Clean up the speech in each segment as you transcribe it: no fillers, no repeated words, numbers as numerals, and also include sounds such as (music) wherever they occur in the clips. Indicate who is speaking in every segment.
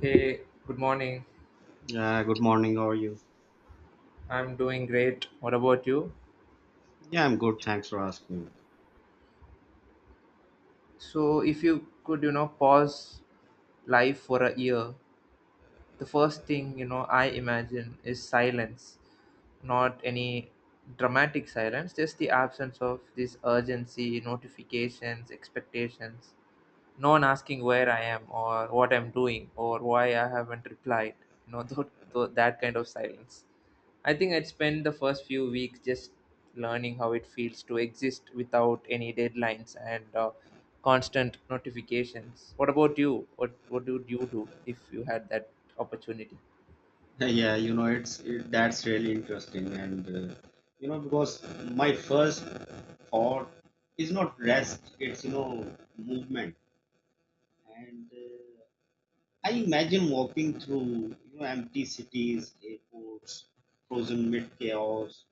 Speaker 1: Hey, good morning.
Speaker 2: Yeah, good morning. How are you?
Speaker 1: I'm doing great. What about you?
Speaker 2: Yeah, I'm good. Thanks for asking.
Speaker 1: So, if you could, pause life for a year, the first thing, I imagine is silence. Not any dramatic silence, just the absence of this urgency, notifications, expectations. No one asking where I am or what I'm doing or why I haven't replied. (laughs) That kind of silence. I think I'd spend the first few weeks just learning how it feels to exist without any deadlines and constant notifications. What about you? What would you do if you had that opportunity?
Speaker 2: (laughs) Yeah, that's really interesting, and because my first thought is not rest; it's movement. And I imagine walking through empty cities, airports, frozen mid chaos,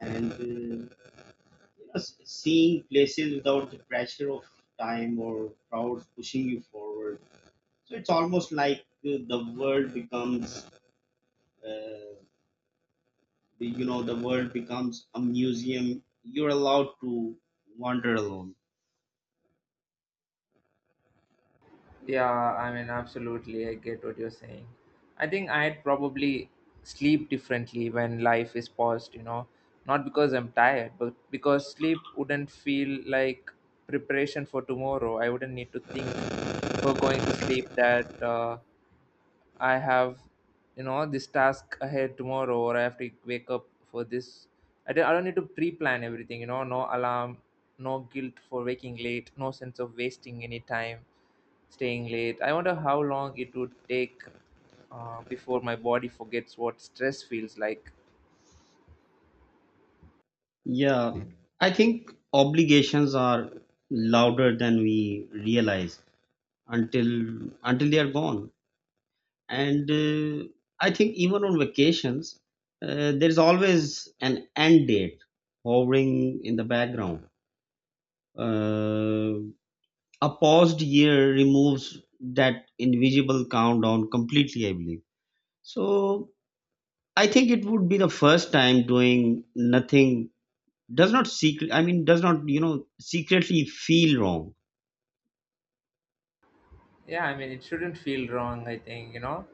Speaker 2: and seeing places without the pressure of time or crowds pushing you forward. So it's almost like uh, the world becomes, uh, the world becomes a museum. You're allowed to wander alone.
Speaker 1: Yeah, I mean, absolutely. I get what you're saying. I think I'd probably sleep differently when life is paused, you know, not because I'm tired, but because sleep wouldn't feel like preparation for tomorrow. I wouldn't need to think before going to sleep that I have, you know, this task ahead tomorrow, or I have to wake up for this. I don't need to pre-plan everything, you know, no alarm, no guilt for waking late, no sense of wasting any time staying late. I wonder how long it would take before my body forgets what stress feels like.
Speaker 2: Yeah, I think obligations are louder than we realize until they are gone. And I think even on vacations, there's always an end date hovering in the background. Uh, A paused year removes that invisible countdown completely, I believe. So I think it would be the first time doing nothing, does not secret I mean, does not secretly feel wrong.
Speaker 1: Yeah, I mean, it shouldn't feel wrong, I think, you know.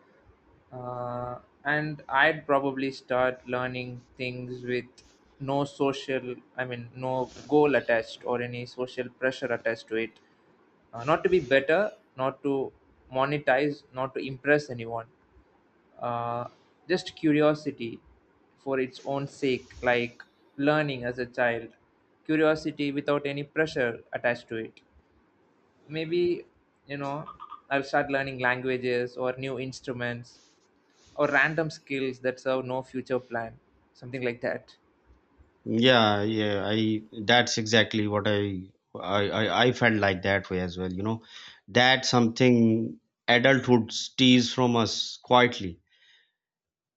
Speaker 1: Uh, and I'd probably start learning things with no social, I mean, no goal attached or any social pressure attached to it. Not to be better, not to monetize, not to impress anyone. uh, just curiosity for its own sake, like learning as a child, curiosity without any pressure attached to it. Maybe, you know, I'll start learning languages or new instruments or random skills that serve no future plan, something like that.
Speaker 2: Yeah, yeah, I that's exactly what I felt like that way as well. That's something adulthood steals from us quietly.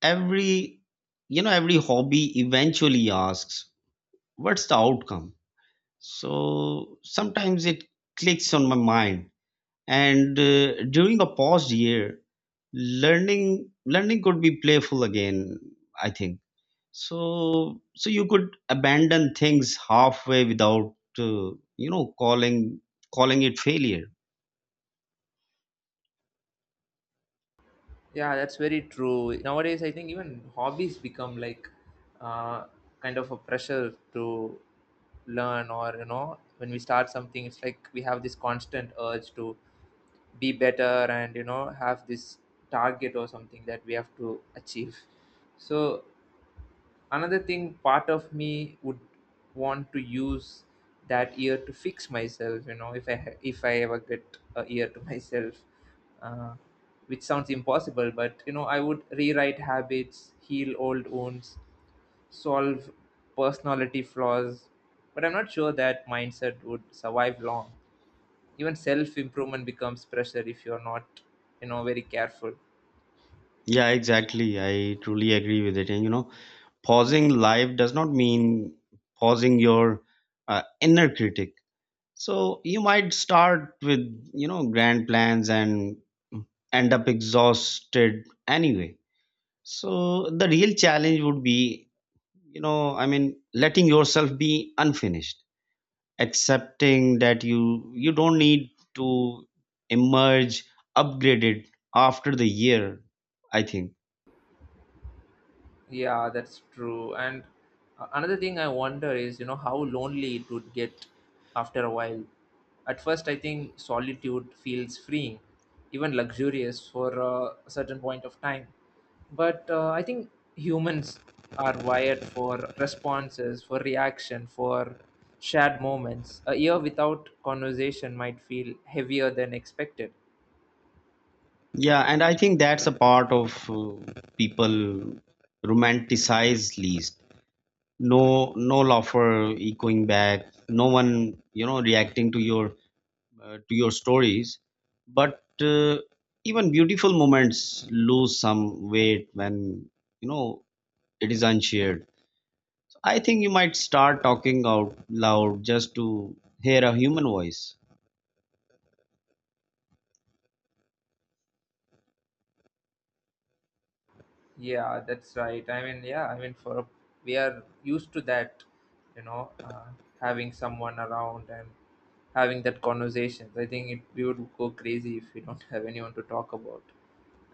Speaker 2: Every every hobby eventually asks, what's the outcome? So sometimes it clicks on my mind. And during a paused year, learning could be playful again. I think so. So you could abandon things halfway without calling it failure.
Speaker 1: Yeah, that's very true. Nowadays, I think even hobbies become like uh, kind of a pressure to learn, or you know, when we start something, it's like we have this constant urge to be better and you know have this target or something that we have to achieve. So another thing, part of me would want to use that year to fix myself, you know, if I ever get a year to (laughs) myself, uh, which sounds impossible, but you know I would rewrite habits, heal old wounds, solve personality flaws. But I'm not sure that mindset would survive long. Even self improvement becomes pressure if you're not, you know, very careful.
Speaker 2: Yeah, exactly. I truly agree with it. And pausing life does not mean pausing your inner critic. So you might start with grand plans and end up exhausted anyway. So the real challenge would be, I mean, letting yourself be unfinished, accepting that you don't need to emerge upgraded after the year, I think.
Speaker 1: Yeah, that's true. And another thing I wonder is, you know, how lonely it would get after a while. At first I think solitude feels freeing, even luxurious for a certain point of time, but I think humans are wired for responses, for reaction, for shared moments. A year without conversation might feel heavier than expected.
Speaker 2: Yeah, and I think that's a part of people romanticize least. No, no law for echoing back. No one, reacting to your stories, but even beautiful moments lose some weight when you know it is unshared. So, I think you might start talking out loud just to hear a human voice.
Speaker 1: Yeah, that's right. I mean, yeah, I mean, for we are used to that, you know, having someone around and having that conversations. I think it, we would go crazy if we don't (laughs) have anyone to talk about.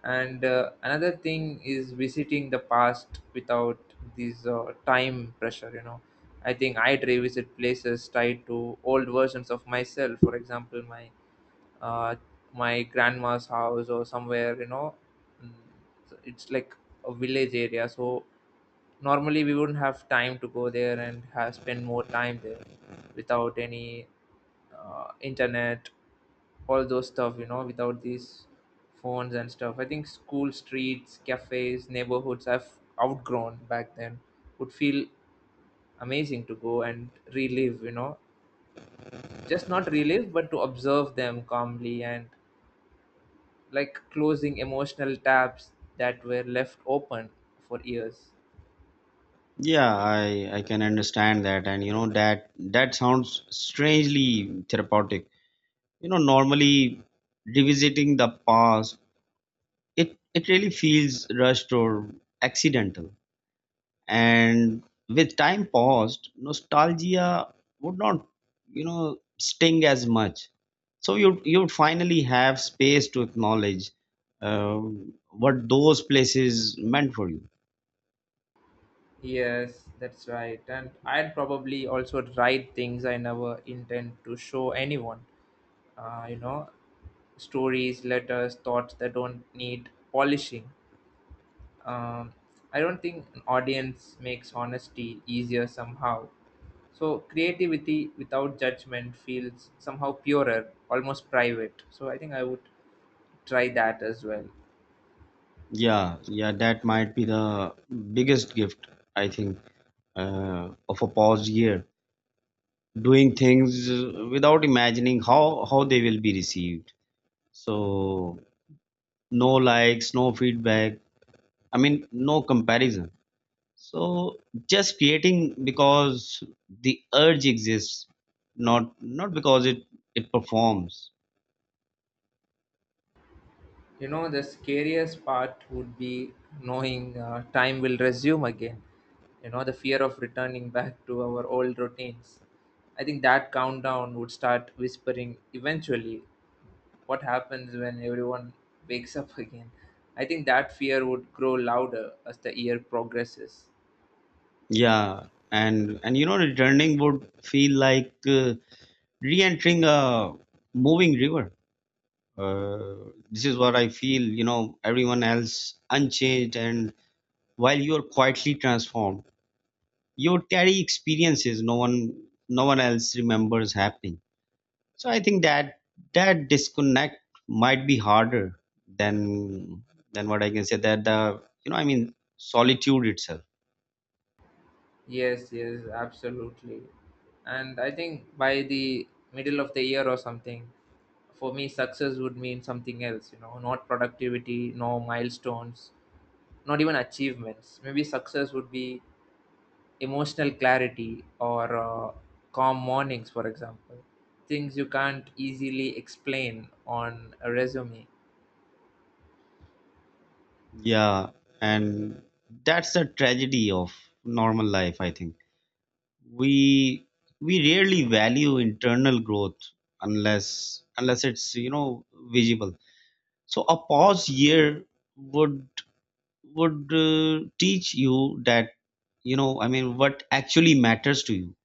Speaker 1: And another thing is visiting the past without this time pressure, you know, I think I'd revisit places tied to old versions of myself, for example my uh, my grandma's house or somewhere, you know. Mm, so it's like a village area, so normally we wouldn't have time to go there and have spend more time there without any internet, all those stuff, you know, without these phones and stuff. I think school, streets, cafes, neighborhoods I've outgrown back then would feel amazing to go and relive, you know, just not relive but to observe them calmly, and like closing emotional tabs that were left open for years.
Speaker 2: Yeah, I can understand that. And that sounds strangely therapeutic. Normally revisiting the past, it really feels rushed or accidental, and with time paused, nostalgia would not sting as much, so you would finally have space to acknowledge uh, what those places meant for you.
Speaker 1: Yes, that's right. And I'd probably also write things I never intend to show anyone. You know, stories, letters, thoughts that don't need polishing. Um, I don't think an audience makes honesty easier somehow. So creativity without judgment feels somehow purer, almost private. So I think I would try that as well.
Speaker 2: Yeah, yeah, that might be the biggest gift, I think, of a paused year. Doing things without imagining how they will be received, so no likes, no feedback, I mean, no comparison. So just creating because the urge exists, not because it performs.
Speaker 1: You know, the scariest part would be knowing time will resume again. You know, the fear of returning back to our old routines. I think that countdown would start whispering eventually. What happens when everyone wakes up (laughs) again? I think that fear would grow louder as the year progresses.
Speaker 2: Yeah, and returning would feel like re-entering a moving river. uh, this is what I feel, everyone else unchanged, and while you are quietly transformed, you carry experiences no one else remembers happening. So I think that disconnect might be harder than than what I can say, that the you know I mean, solitude itself.
Speaker 1: Yes, yes, absolutely. And I think by the middle of the year or something, for me, success would mean something else, you know, not productivity, no milestones, not even achievements. Maybe success would be emotional clarity or calm mornings, for example, things you can't easily explain on a resume.
Speaker 2: Yeah, and that's the tragedy of normal life. I think we we rarely value internal growth unless it's, visible. So a pause year would would teach you that, I mean, what actually matters to you.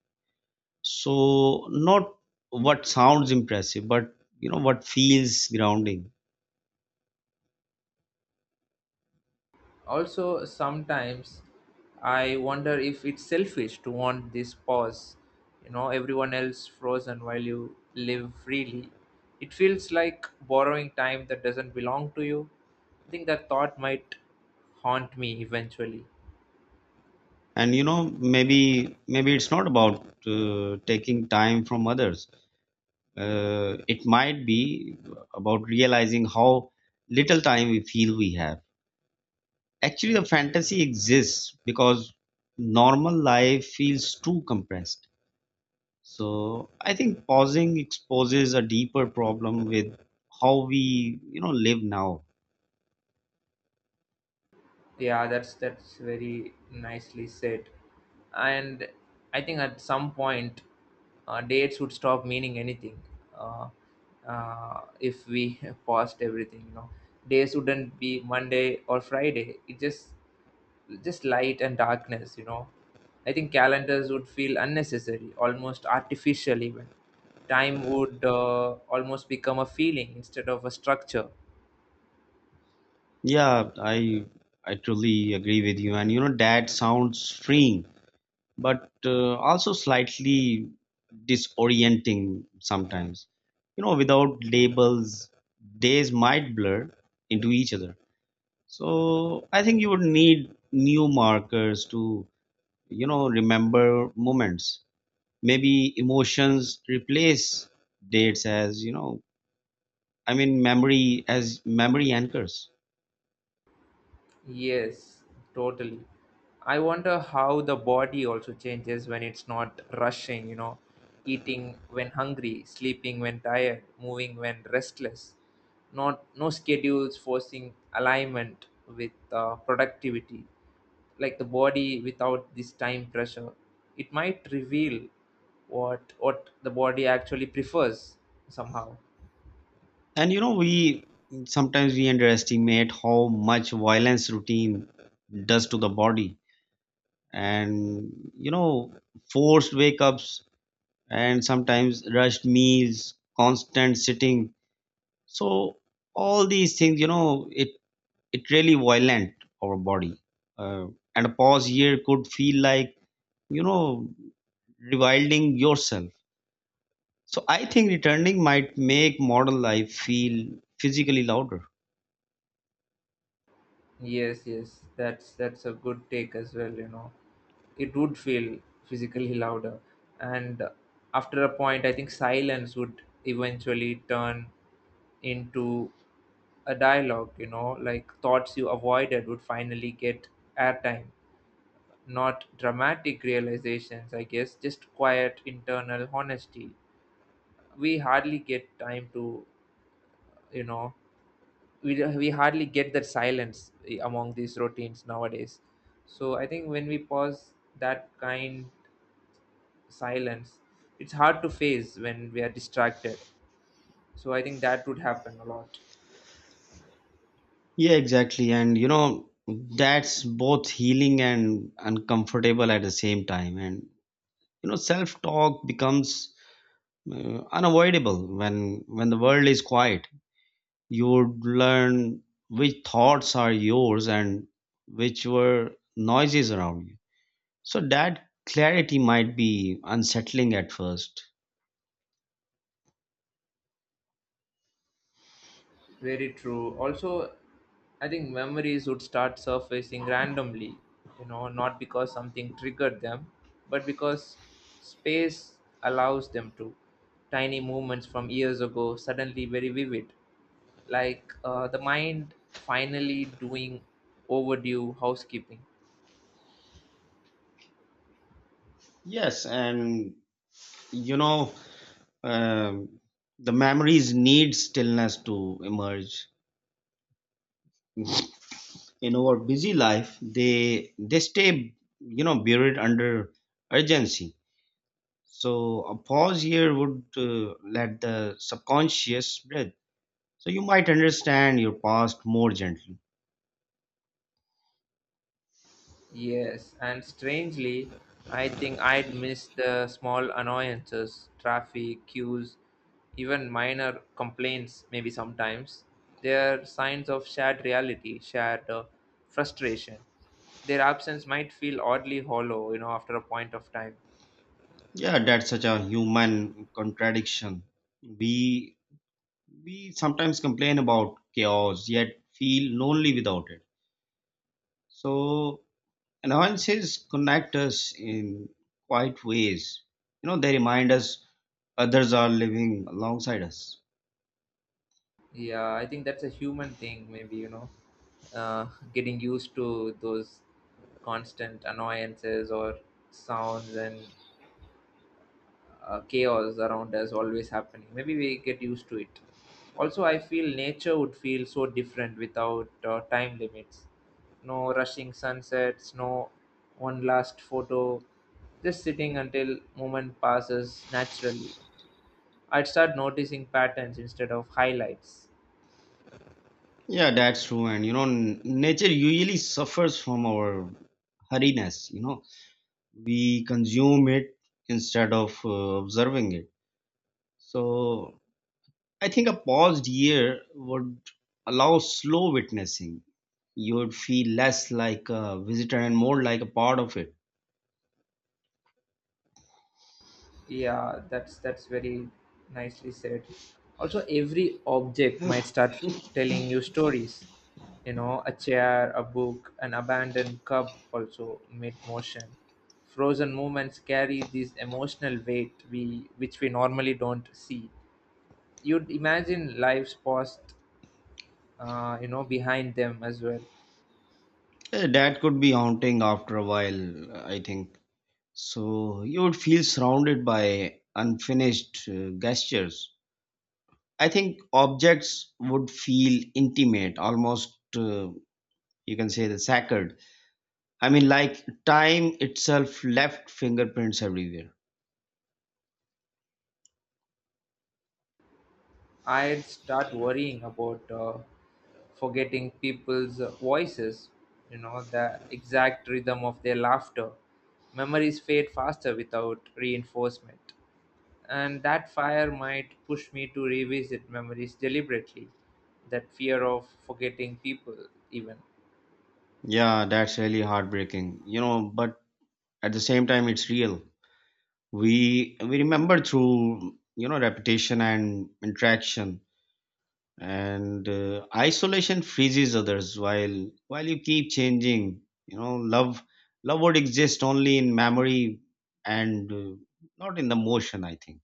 Speaker 2: So not what sounds impressive, but what feels grounding.
Speaker 1: Also, sometimes I wonder if it's selfish to want this pause. You know, everyone else frozen while you live freely. It feels like borrowing time that doesn't belong to you. I think that thought might haunt me eventually.
Speaker 2: And maybe it's not about taking time from others. It might be about realizing how little time we feel we have. Actually, the fantasy exists because normal life feels too compressed. So I think pausing exposes a deeper problem with how we, live now.
Speaker 1: Yeah, that's very nicely said. And I think at some point, dates would stop meaning anything. uh, if we (laughs) paused everything, you know, days wouldn't be Monday or Friday, it just light and darkness, you know. I think calendars would feel unnecessary, almost artificial. Even time would almost become a feeling instead of a structure.
Speaker 2: Yeah, I truly agree with you. And, that sounds freeing, but also slightly disorienting sometimes. Without labels, days might blur into each other. So I think you would need new markers to, remember moments. Maybe emotions replace dates as, I mean, memory anchors.
Speaker 1: Yes, totally. I wonder how the body also changes when it's not rushing, you know, eating when hungry, sleeping when tired, moving when restless. Not no schedules forcing alignment with productivity. Like the body without this time pressure, it might reveal what the body actually prefers somehow.
Speaker 2: And we sometimes we underestimate how much violence routine does to the body. And forced wake ups, and sometimes rushed meals, constant sitting. So all these things, it really violent our body, uh, and a pause here could feel like, you know rewilding yourself. So I think returning might make modern life feel physically louder.
Speaker 1: Yes, yes, that's a good take as well. You know, it would feel physically louder, and after a point, I think silence would eventually turn into a dialogue. You know, like thoughts you avoided would finally get airtime. Not dramatic realizations, I guess, just quiet internal honesty. We hardly get time to, you know, we don't- we hardly get that silence among these routines nowadays. So I think when we pause that kind silence, it's hard to face when we are distracted. So I think that would happen a lot.
Speaker 2: Yeah, exactly. And, that's both healing and uncomfortable at the same time. And, self-talk becomes unavoidable when the world is quiet. You would learn which thoughts are yours and which were noises around you. So that clarity might be unsettling at first.
Speaker 1: Very true. Also, I think memories would start surfacing randomly, you know, not because something triggered them, but because space allows them to. Tiny moments from years ago suddenly very vivid, like the mind finally doing overdue housekeeping.
Speaker 2: Yes, and you know, um, the memories need stillness to emerge. In our busy life they stay, buried under urgency, so a pause here would let the subconscious breathe, so you might understand your past more gently.
Speaker 1: Yes, and strangely, I think I'd miss the small annoyances, traffic, queues, even minor complaints, maybe sometimes. They're signs of shared reality, shared frustration. Their absence might feel oddly hollow, you know, after a point of time.
Speaker 2: Yeah, that's such a human contradiction. We we sometimes complain about chaos, yet feel lonely without it, so annoyances connect us in quiet ways. You know, they remind us others are living alongside us.
Speaker 1: Yeah, I think that's a human thing, maybe, you know, uh, getting used to those constant annoyances or sounds and chaos around us always happening. Maybe we get used to it. Also, I feel nature would feel so different without time limits. No rushing sunsets, no one last photo, just sitting until moment passes naturally. I'd start noticing patterns instead of highlights.
Speaker 2: Yeah, that's true. And, nature usually suffers from our hurriness. You know, we consume it instead of observing it. So I think a paused year would allow slow witnessing. You would feel less like a visitor and more like a part of it.
Speaker 1: Yeah, that's very nicely said. Also, every object might start telling you stories. You know, a chair, a book, an abandoned cup also made motion. Frozen moments carry this emotional weight we which we normally don't see. You'd imagine lives paused, you know, behind them as well.
Speaker 2: That could be haunting after a while, I think. So you would feel surrounded by unfinished gestures. I think objects would feel intimate, almost you can say, the sacred. I mean, like time itself left fingerprints everywhere.
Speaker 1: I'd start worrying about forgetting people's voices, you know, the exact rhythm of their laughter. Memories fade faster without reinforcement. And that fire might push me to revisit memories deliberately, that fear of forgetting people, even.
Speaker 2: Yeah, that's really heartbreaking. But at the same time, it's real. We remember through, repetition and interaction, and isolation freezes others while you keep changing. you know love love would exist only in memory, and not in the motion, I think.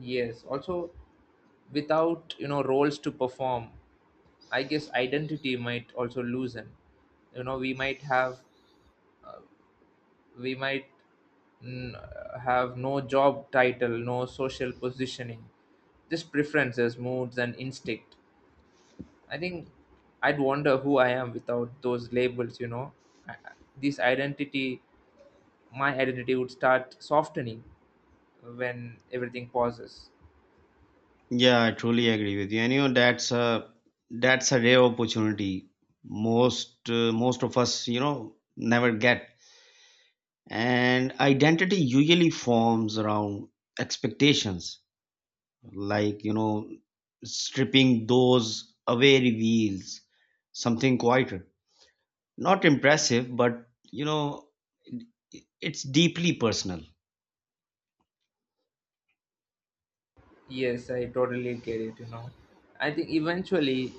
Speaker 1: Yes, also without, you know, roles to perform, I guess identity might also loosen. You know, we might have, we might n- have no job title, no social positioning, just preferences, moods, and instinct. I think I'd wonder who I am without those labels, you know. I- I- This identity, my identity would start softening when everything pauses.
Speaker 2: Yeah, I truly agree with you, and that's a, rare opportunity most of us, never get. And identity usually forms around expectations. Like, stripping those away reveals something quieter, not impressive, but it's deeply personal.
Speaker 1: Yes, I totally get it, you know. I think eventually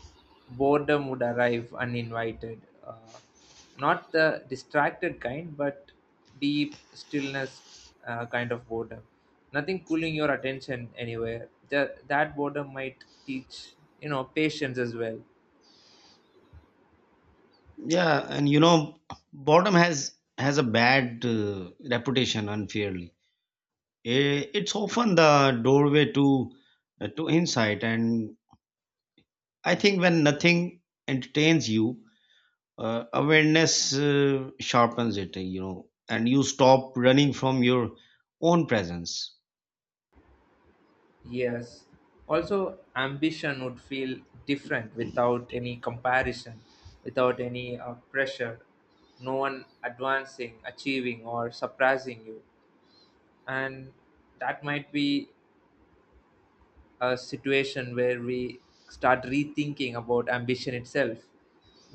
Speaker 1: boredom would arrive uninvited. Not the distracted kind, but deep stillness kind of boredom. Nothing pulling your attention anywhere. That boredom might teach, you know, patience as well.
Speaker 2: Yeah, and, boredom has a bad reputation, unfairly. It's often the doorway to insight. And I think when nothing entertains you, awareness sharpens it, and you stop running from your own presence.
Speaker 1: Yes. Also, ambition would feel different without any comparison, without any pressure, no one advancing, achieving, or surprising you. And that might be a situation where we start rethinking about ambition itself.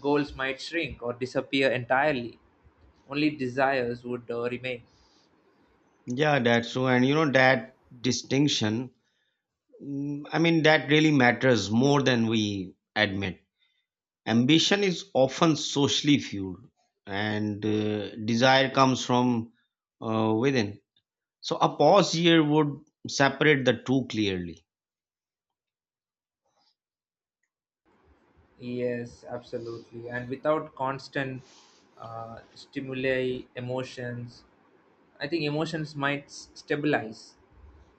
Speaker 1: Goals might shrink or disappear entirely, only desires would remain.
Speaker 2: Yeah, that's true. And, that distinction, I mean, that really matters more than we admit. Ambition is often socially fueled, and desire comes from within. So a pause here would separate the two clearly.
Speaker 1: Yes, absolutely. And without constant stimuli, emotions, I think emotions might stabilize.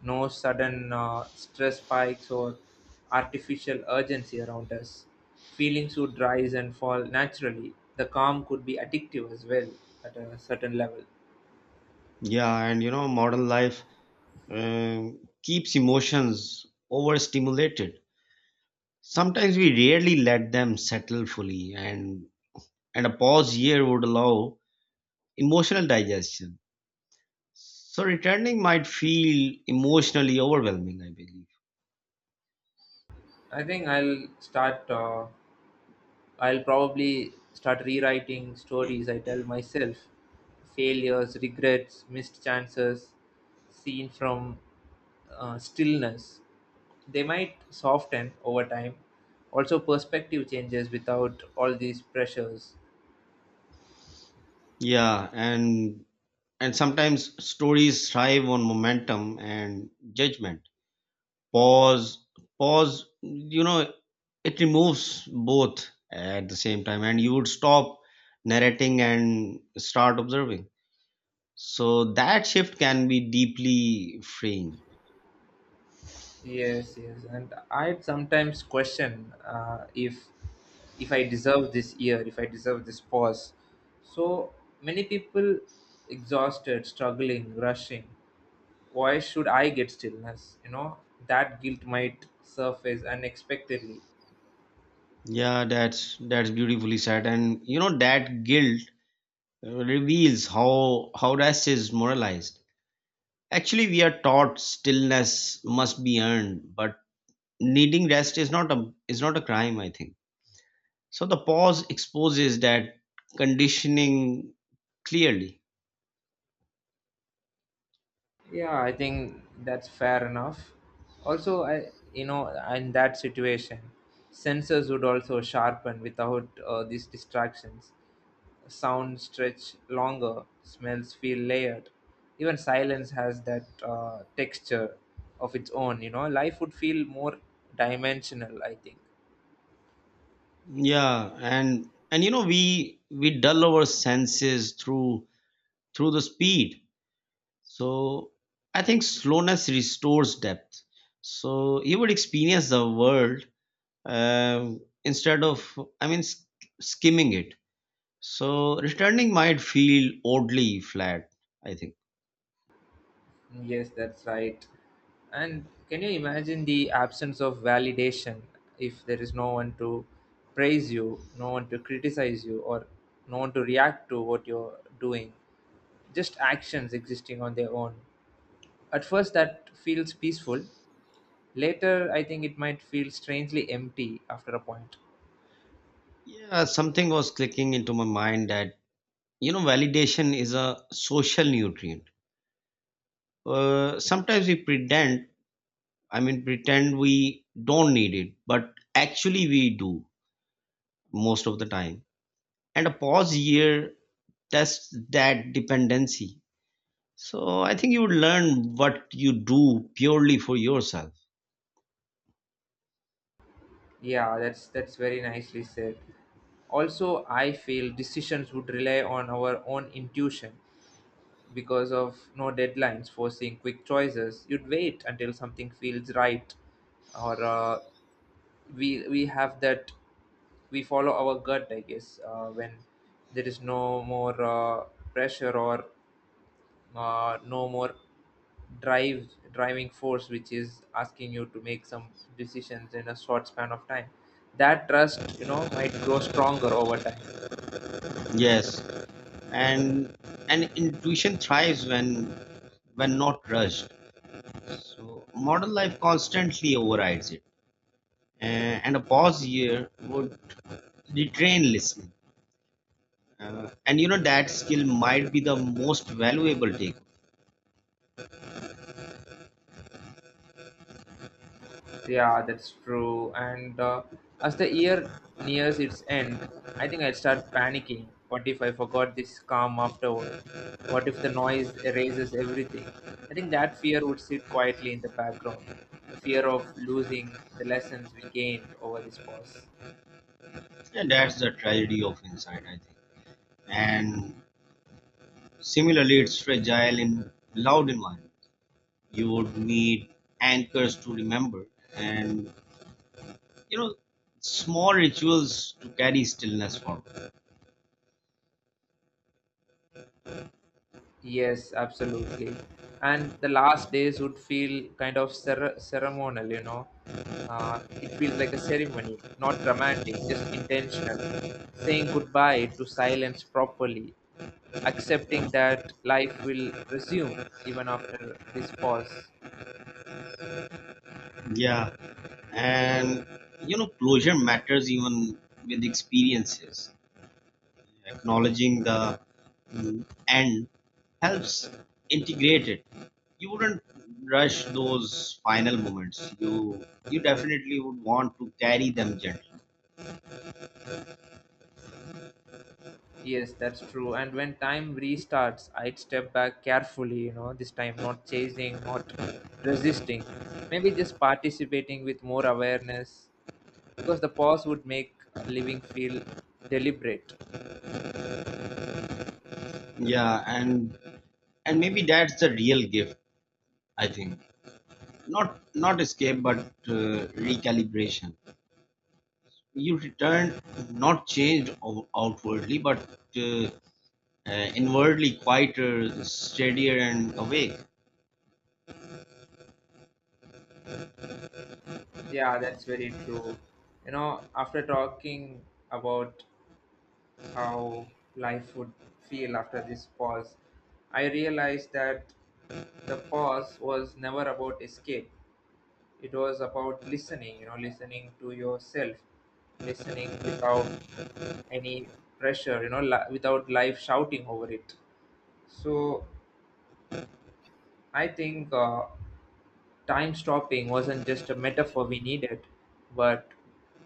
Speaker 1: No sudden stress spikes or artificial urgency around us. Feelings would rise and fall naturally. The calm could be addictive as well at a certain level.
Speaker 2: Yeah, and, modern life keeps emotions overstimulated. Sometimes we rarely let them settle fully, and a pause here would allow emotional digestion. So returning might feel emotionally overwhelming, I believe.
Speaker 1: I think I'll start I'll probably start rewriting stories I tell myself, failures, regrets, missed chances, seen from stillness. They might soften over time. Also, perspective changes without all these pressures.
Speaker 2: Yeah, and sometimes stories thrive on momentum and judgment. Pause, pause, it removes both at the same time, and you would stop narrating and start observing. So that shift can be deeply freeing.
Speaker 1: Yes, yes, and I sometimes question if I deserve this year, if I deserve this pause. So many people exhausted, struggling, rushing. Why should I get stillness? You know that guilt might surface unexpectedly.
Speaker 2: Yeah, that's beautifully said, and, that guilt reveals how rest is moralized. Actually, we are taught stillness must be earned, but needing rest is not a, crime, I think. So the pause exposes that conditioning clearly.
Speaker 1: Yeah, I think that's fair enough. Also, I you know, in that situation, sensors would also sharpen without these distractions. Sound stretch longer, smells feel layered. Even silence has that texture of its own. You know, life would feel more dimensional. I think.
Speaker 2: Yeah, and we dull our senses through the speed. So I think slowness restores depth. So you would experience the world, instead of, I mean, skimming it. So returning might feel oddly flat, I think.
Speaker 1: Yes, that's right. And can you imagine the absence of validation if there is no one to praise you, no one to criticize you, or no one to react to what you're doing? Just actions existing on their own. At first, that feels peaceful. Later, I think it might feel strangely empty after a point.
Speaker 2: Yeah, something was clicking into my mind that, validation is a social nutrient. Sometimes we pretend, I mean, pretend we don't need it, but actually we do most of the time. And a pause here test that dependency. So I think you would learn what you do purely for yourself.
Speaker 1: Yeah, that's very nicely said. Also, I feel decisions would rely on our own intuition because of no deadlines forcing quick choices. You'd wait until something feels right, or we have that. We follow our gut, I guess, when there is no more pressure, or no more drive driving force which is asking you to make some decisions in a short span of time. That trust, you know, might grow stronger over time.
Speaker 2: Yes, and intuition thrives when not rushed. So modern life constantly overrides it. And a pause here would retrain listening. And, that skill might be the most valuable take.
Speaker 1: Yeah, that's true. And as the year nears its end, I think I'd start panicking. What if I forgot this calm afterward? What if the noise erases everything? I think that fear would sit quietly in the background. The fear of losing the lessons we gained over this pause.
Speaker 2: And that's the tragedy of insight, I think. And similarly, it's fragile in loud environment. You would need anchors to remember, and, you know small rituals to carry stillness forward.
Speaker 1: Yes, absolutely. And the last days would feel kind of ceremonial, you know. It feels like a ceremony, not dramatic, just intentional. Saying goodbye to silence properly, accepting that life will resume even after this pause.
Speaker 2: Yeah. And, closure matters even with experiences. Acknowledging the end helps integrate it. You wouldn't rush those final moments; you definitely would want to carry them gently.
Speaker 1: Yes, that's true. And when time restarts, I'd step back carefully, you know, this time not chasing, not resisting, maybe just participating with more awareness, because the pause would make living feel deliberate.
Speaker 2: Yeah, and maybe that's the real gift, I think, not, escape, but uh, recalibration. You return, not changed outwardly, but uh, inwardly, quieter, steadier, and awake.
Speaker 1: Yeah, that's very true. You know, after talking about how life would feel after this pause, I realized that the pause was never about escape. It was about listening, you know, listening to yourself, listening without any pressure, without life shouting over it. So I think time-stopping wasn't just a metaphor we needed, but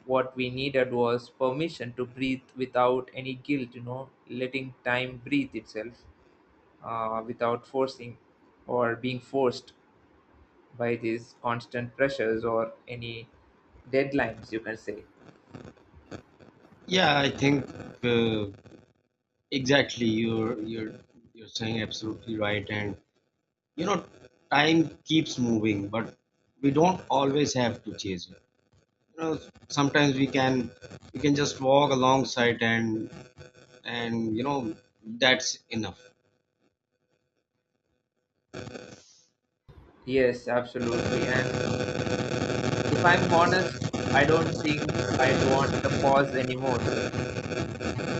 Speaker 1: what we needed was permission to breathe without any guilt, you know, letting time breathe itself, without forcing or being forced by these constant pressures or any deadlines, you can say.
Speaker 2: Yeah, I think, uh, exactly, you're saying absolutely right, and, you know time keeps moving, but we don't always have to chase it. you know Sometimes we can, just walk alongside, and and you know that's enough.
Speaker 1: Yes, absolutely. And if I'm honest, I don't think I'd want the pause anymore.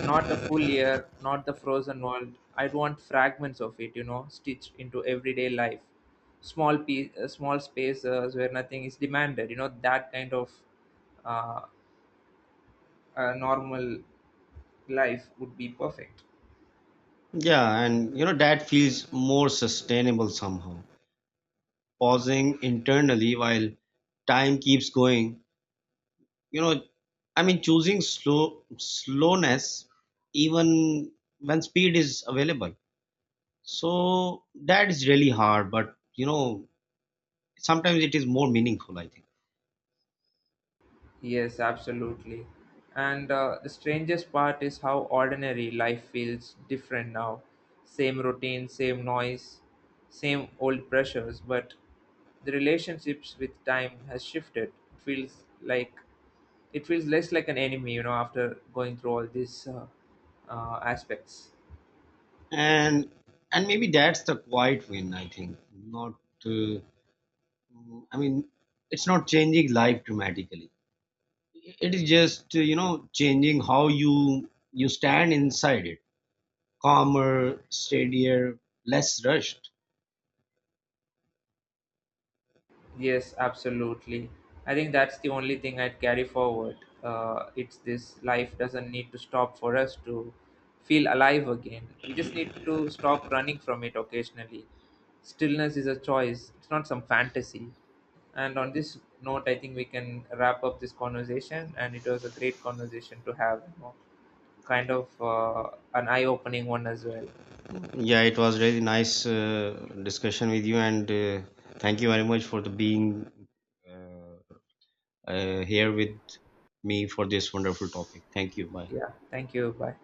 Speaker 1: Not the full year, not the frozen world. I'd want fragments of it, you know, stitched into everyday life. Small piece, small spaces where nothing is demanded. You know, that kind of uh, normal life would be perfect.
Speaker 2: Yeah, and, that feels more sustainable somehow. Pausing internally while time keeps going, you know, I mean, choosing slowness even when speed is available. So that is really hard, but, sometimes it is more meaningful, I think.
Speaker 1: Yes, absolutely. And the strangest part is how ordinary life feels different now. Same routine, same noise, same old pressures, but the relationships with time has shifted. It feels less like an enemy, you know, after going through all these aspects.
Speaker 2: And maybe that's the quiet win, I think. Not, uh, I mean, it's not changing life dramatically. It is just changing how you stand inside it: calmer, steadier, less rushed.
Speaker 1: Yes, absolutely. I think that's the only thing I'd carry forward. It's this life doesn't need to stop for us to feel alive again. We just need to stop running from it occasionally. Stillness is a choice, it's not some fantasy. And on this note, I think we can wrap up this conversation. And it was a great conversation to have, you know, kind of an eye opening one as well.
Speaker 2: Yeah, it was really nice discussion with you, and thank you very much for the being uh, here with me for this wonderful topic. Thank you. Bye.
Speaker 1: Yeah, thank you. Bye.